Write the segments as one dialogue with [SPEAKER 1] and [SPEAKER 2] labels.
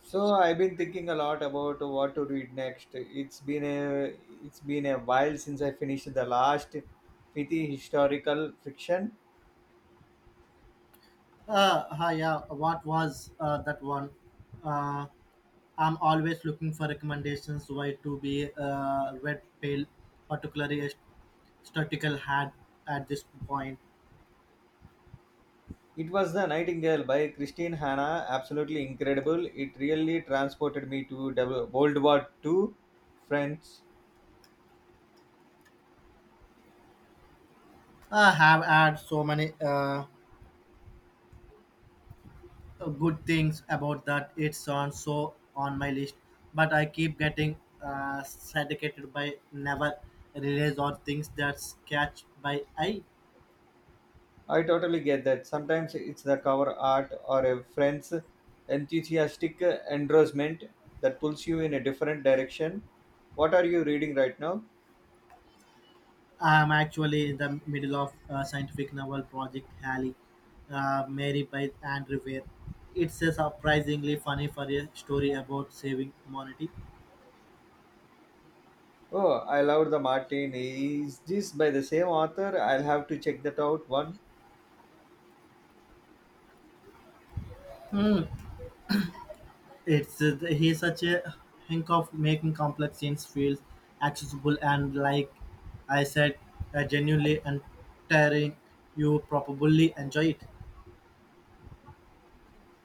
[SPEAKER 1] So I've been thinking a lot about what to read next. It's been a while since I finished the last Fithi historical fiction.
[SPEAKER 2] Hi, yeah. What was that one? Uh, I'm always looking for recommendations why to be red pale, particularly a statical had at this point.
[SPEAKER 1] It was The Nightingale by Christine Hanna. Absolutely incredible. It really transported me to World War Two, France.
[SPEAKER 2] I have had so many good things about that. It's on so on my list, but I keep getting syndicated by never release or things that catch by eye.
[SPEAKER 1] I totally get that. Sometimes it's the cover art or a friend's enthusiastic endorsement that pulls you in a different direction. What are you reading right now?
[SPEAKER 2] I'm actually in the middle of a scientific novel project, Halley, Mary by Andrew Weir. It's a surprisingly funny for a story about saving humanity.
[SPEAKER 1] Oh, I loved the Martin. Is this by the same author? I'll have to check that out. One
[SPEAKER 2] It's he's such a hink of making complex things feel accessible and like I said, genuinely entertaining. You probably enjoy it.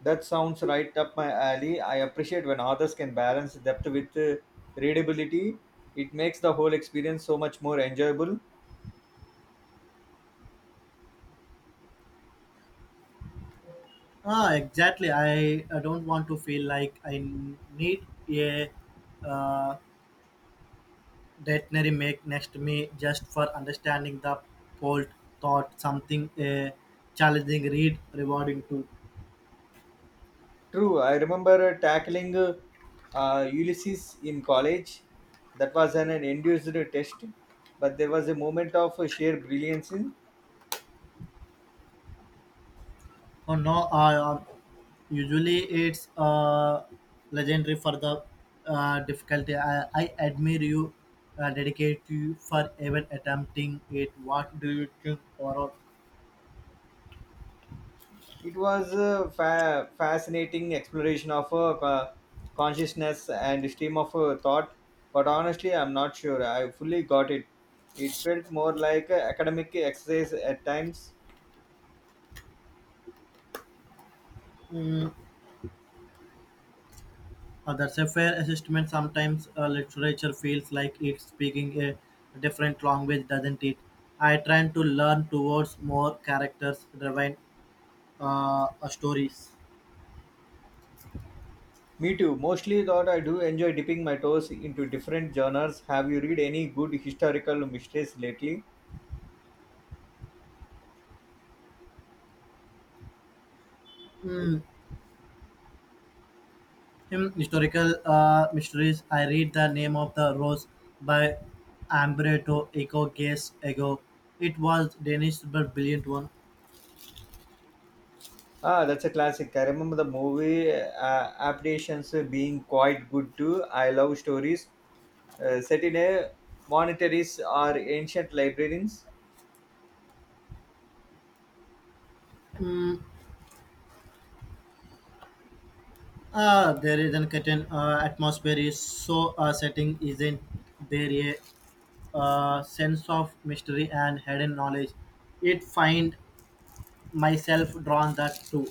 [SPEAKER 1] that sounds right up my alley. I appreciate when authors can balance depth with readability. It makes the whole experience so much more enjoyable.
[SPEAKER 2] Ah, exactly. I don't want to feel like I need a uh, dictionary make next me just for understanding the bold thought something challenging read rewarding too.
[SPEAKER 1] True, I remember tackling Ulysses in college. That was an induced test, but there was a moment of sheer brilliance.
[SPEAKER 2] Oh no, usually it's legendary for the difficulty. I admire you, dedicate to you for even attempting it. What do you think, or
[SPEAKER 1] It was a fascinating exploration of consciousness and stream of thought, but honestly, I'm not sure I fully got it. It felt more like a academic exercise at times.
[SPEAKER 2] That's a fair assessment. Sometimes literature feels like it's speaking a different language, doesn't it? I try to learn towards more characters-driven stories.
[SPEAKER 1] Me too. Mostly, thought I do enjoy dipping my toes into different genres. Have you read any good historical mysteries lately?
[SPEAKER 2] Hmm, hmm. Historical mysteries. I read The Name of the Rose by Umberto Eco Gaze Ego. It was Danish but brilliant one.
[SPEAKER 1] Ah, that's a classic. I remember the movie Adaptations being quite good too. I love stories set in a monasteries or ancient libraries.
[SPEAKER 2] Mm. There is an curtain atmosphere is so setting isn't there yet sense of mystery and hidden knowledge. It find myself drawn that too.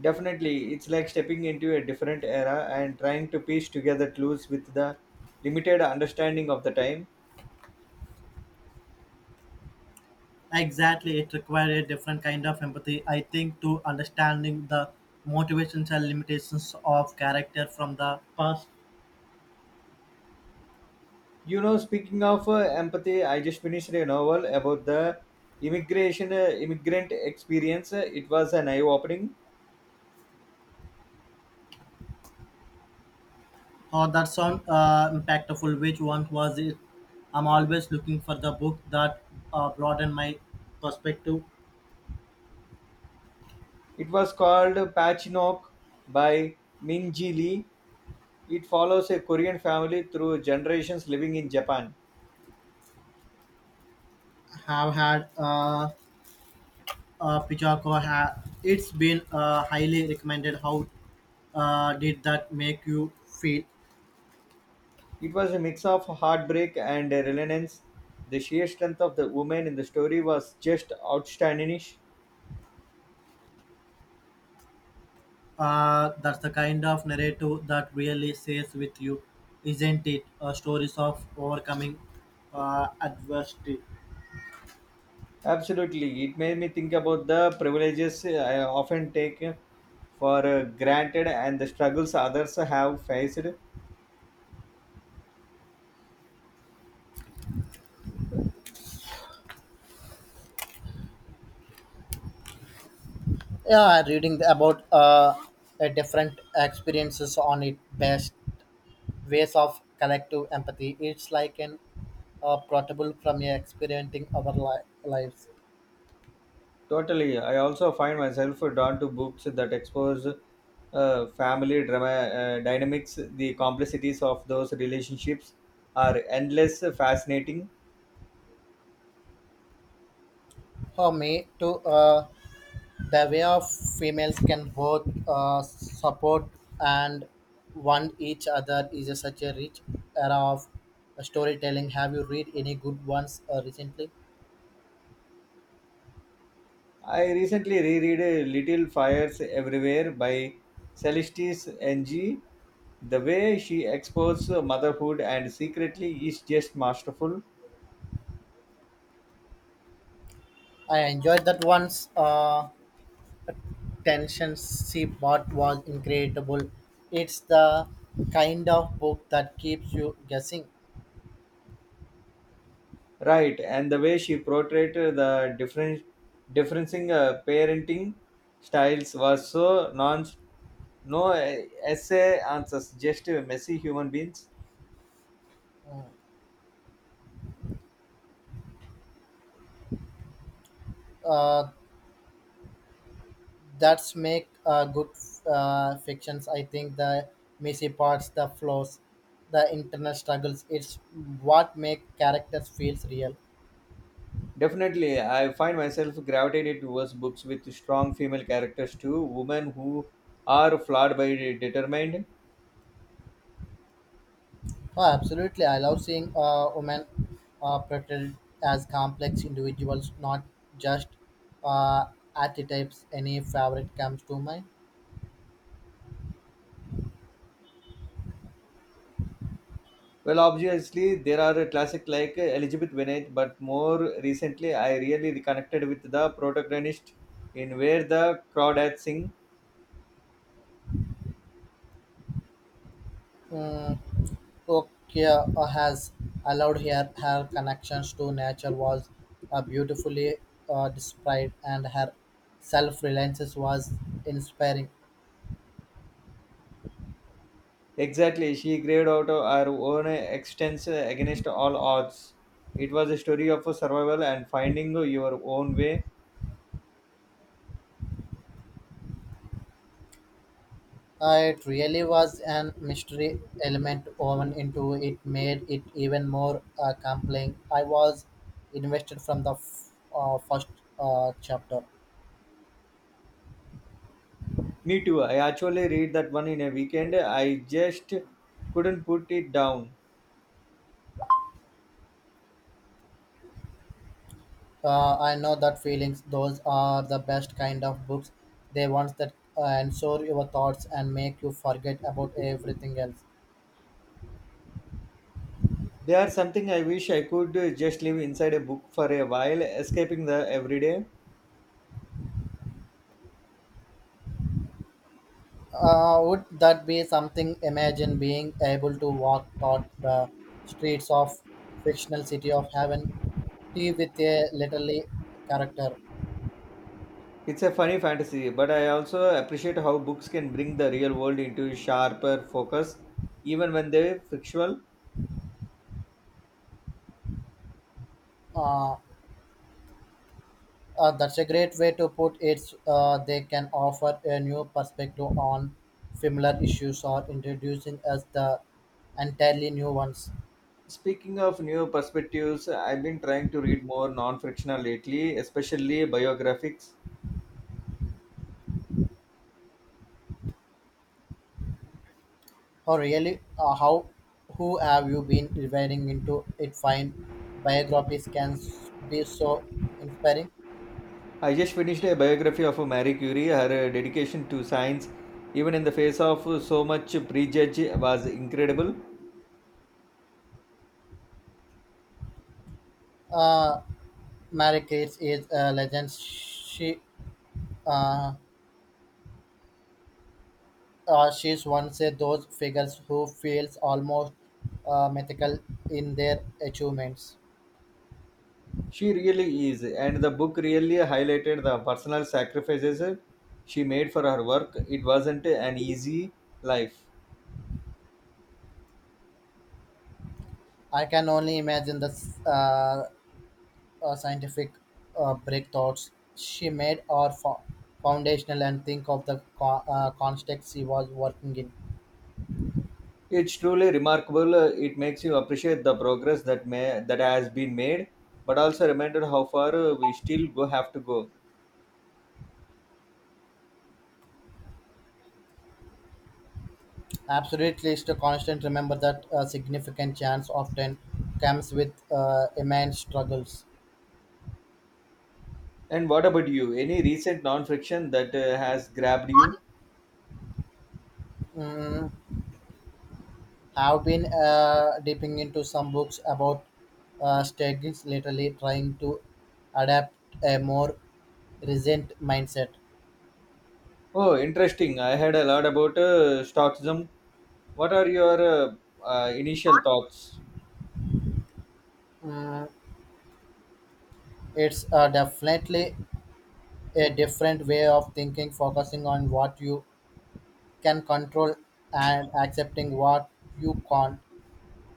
[SPEAKER 1] Definitely, it's like stepping into a different era and trying to piece together clues with the limited understanding of the time.
[SPEAKER 2] Exactly, it required a different kind of empathy. I think to understanding the motivations and limitations of character from the past.
[SPEAKER 1] You know, speaking of empathy, I just finished a novel about the immigration immigrant experience. It was an eye-opening.
[SPEAKER 2] Or that sound impactful. Which one was it? I'm always looking for the book that broaden my perspective.
[SPEAKER 1] It was called Patchnok by Min Ji Lee. It follows a Korean family through generations living in Japan.
[SPEAKER 2] Have had Pichako it's been highly recommended. How did that make you feel?
[SPEAKER 1] It was a mix of heartbreak and resilience. The sheer strength of the woman in the story was just outstanding.
[SPEAKER 2] That's the kind of narrative that really stays with you, isn't it? Stories of overcoming adversity.
[SPEAKER 1] Absolutely, it made me think about the privileges I often take for granted and the struggles others have faced.
[SPEAKER 2] Yeah, reading about different experiences on it best ways of collective empathy, it's like an portable from your experiencing our lives.
[SPEAKER 1] Totally, I also find myself drawn to books that expose family drama dynamics. The complexities of those relationships are endless, fascinating.
[SPEAKER 2] For me too, the way of females can both support and one each other is a, such a rich era of storytelling. Have you read any good ones recently?
[SPEAKER 1] I recently reread Little Fires Everywhere by Celestis NG. The way she explores motherhood and secretly is just masterful.
[SPEAKER 2] I enjoyed that one's tension she bought was incredible. It's the kind of book that keeps you guessing.
[SPEAKER 1] Right, and the way she portrayed the different differencing parenting styles was so non no essay answers, just messy human beings.
[SPEAKER 2] Mm. uh, that's make good fictions, I think. The messy parts, the flaws, the internal struggles, it's what make characters feels real.
[SPEAKER 1] Definitely, I find myself gravitated towards books with strong female characters too, women who are flawed by determined.
[SPEAKER 2] Oh, absolutely. I love seeing women portrayed as complex individuals, not just uh, archetypes. Any favorite comes to mind?
[SPEAKER 1] Well, obviously there are a classic like Elizabeth Bennet, but more recently I really reconnected with the protagonist in Where the Crawdads Sing.
[SPEAKER 2] Mm, Tokyo has allowed her, her connections to nature was beautifully displayed and her self-reliance was inspiring.
[SPEAKER 1] Exactly, she graved out her own existence against all odds. It was a story of survival and finding your own way.
[SPEAKER 2] It really was an mystery element woven into it made it even more compelling. I was invested from the first chapter.
[SPEAKER 1] Me too. I actually read that one in a weekend. I just couldn't put it down.
[SPEAKER 2] I know that feelings. Those are the best kind of books. They ones that ensure your thoughts and make you forget about everything else.
[SPEAKER 1] They are something I wish I could just live inside a book for a while, escaping the everyday.
[SPEAKER 2] Would that be something? Imagine being able to walk thought the streets of fictional city of heaven, tea with a literally character.
[SPEAKER 1] It's a funny fantasy, but I also appreciate how books can bring the real world into sharper focus, even when they're fictional.
[SPEAKER 2] Uh, that's a great way to put it. They can offer a new perspective on similar issues or introducing us the entirely new ones.
[SPEAKER 1] Speaking of new perspectives, I've been trying to read more non fictional lately, especially biographies.
[SPEAKER 2] Oh, really? How? Who have you been diving into? It fine. Biographies can be so inspiring.
[SPEAKER 1] I just finished a biography of Marie Curie. Her dedication to science, even in the face of so much prejudge, was incredible.
[SPEAKER 2] Uh, Mary Kate is a legend. She, uh, she's one of those figures who feels almost mythical in their achievements.
[SPEAKER 1] She really is, and the book really highlighted the personal sacrifices she made for her work. It wasn't an easy life.
[SPEAKER 2] I can only imagine the scientific breakthroughs she made are foundational and think of the context she was working in.
[SPEAKER 1] It's truly remarkable. It makes you appreciate the progress that has been made, but also reminded how far we still go have to go.
[SPEAKER 2] Absolutely, it's a constant. Remember that a significant chance often comes with immense struggles.
[SPEAKER 1] And what about you? Any recent non-fiction that has grabbed you?
[SPEAKER 2] Mm, I've been dipping into some books about strategies, literally trying to adapt a more resilient mindset.
[SPEAKER 1] Oh, interesting. I heard a lot about Stockism. What are your initial thoughts?
[SPEAKER 2] Mm, it's definitely a different way of thinking, focusing on what you can control and accepting what you can't.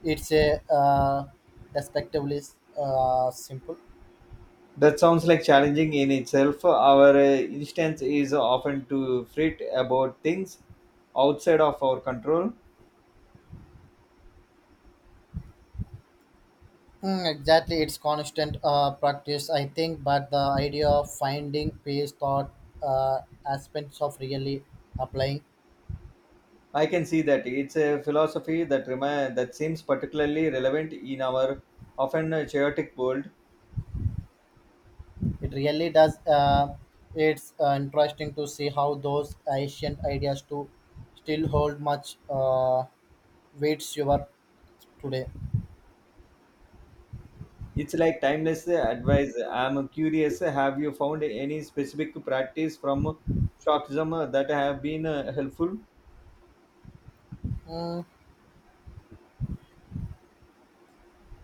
[SPEAKER 2] It's a respectively simple.
[SPEAKER 1] That sounds like challenging in itself. Our instance is often to fret about things outside of our control.
[SPEAKER 2] Mm, exactly, it's constant practice, I think, but the idea of finding pace thought uh, aspects of really applying
[SPEAKER 1] I can see that it's a philosophy that seems particularly relevant in our often chaotic world.
[SPEAKER 2] it really does. It's interesting to see how those ancient ideas to still hold much weights you are today.
[SPEAKER 1] It's like timeless advice. I'm curious, have you found any specific practice from Stoicism that have been helpful?
[SPEAKER 2] Mm,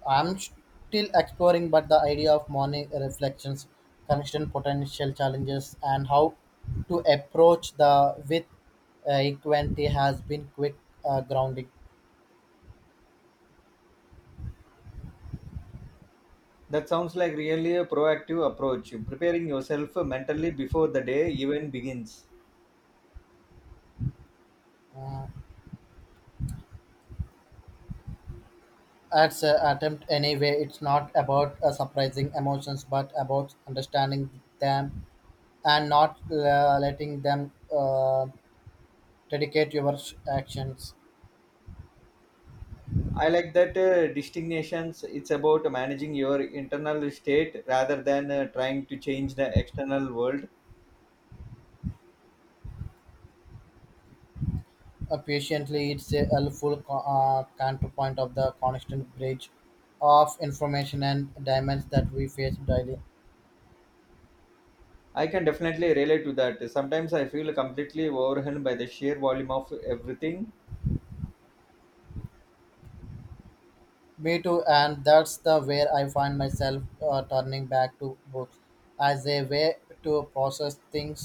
[SPEAKER 2] I'm still exploring, but the idea of morning reflections, constant potential challenges, and how to approach the with equanimity has been quick grounding.
[SPEAKER 1] That sounds like really a proactive approach, preparing yourself mentally before the day even begins.
[SPEAKER 2] Uh, at attempt anyway, it's not about surprising emotions, but about understanding them and not letting them dedicate your actions.
[SPEAKER 1] I like that distinctions. It's about managing your internal state rather than trying to change the external world.
[SPEAKER 2] Patiently it's a helpful counterpoint of the constant bridge of information and diamonds that we face daily.
[SPEAKER 1] I can definitely relate to that. Sometimes I feel completely overwhelmed by the sheer volume of everything.
[SPEAKER 2] Me too, and that's the where I find myself turning back to books as a way to process things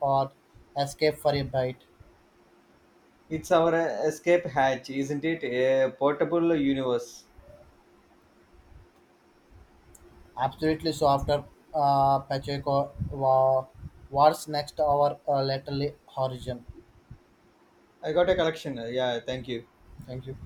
[SPEAKER 2] or escape for a bite.
[SPEAKER 1] It's our escape hatch, isn't it? A portable universe.
[SPEAKER 2] Absolutely. So after pacheco what's next our laterally horizon?
[SPEAKER 1] I got a collection. Yeah, thank you.
[SPEAKER 2] Thank you.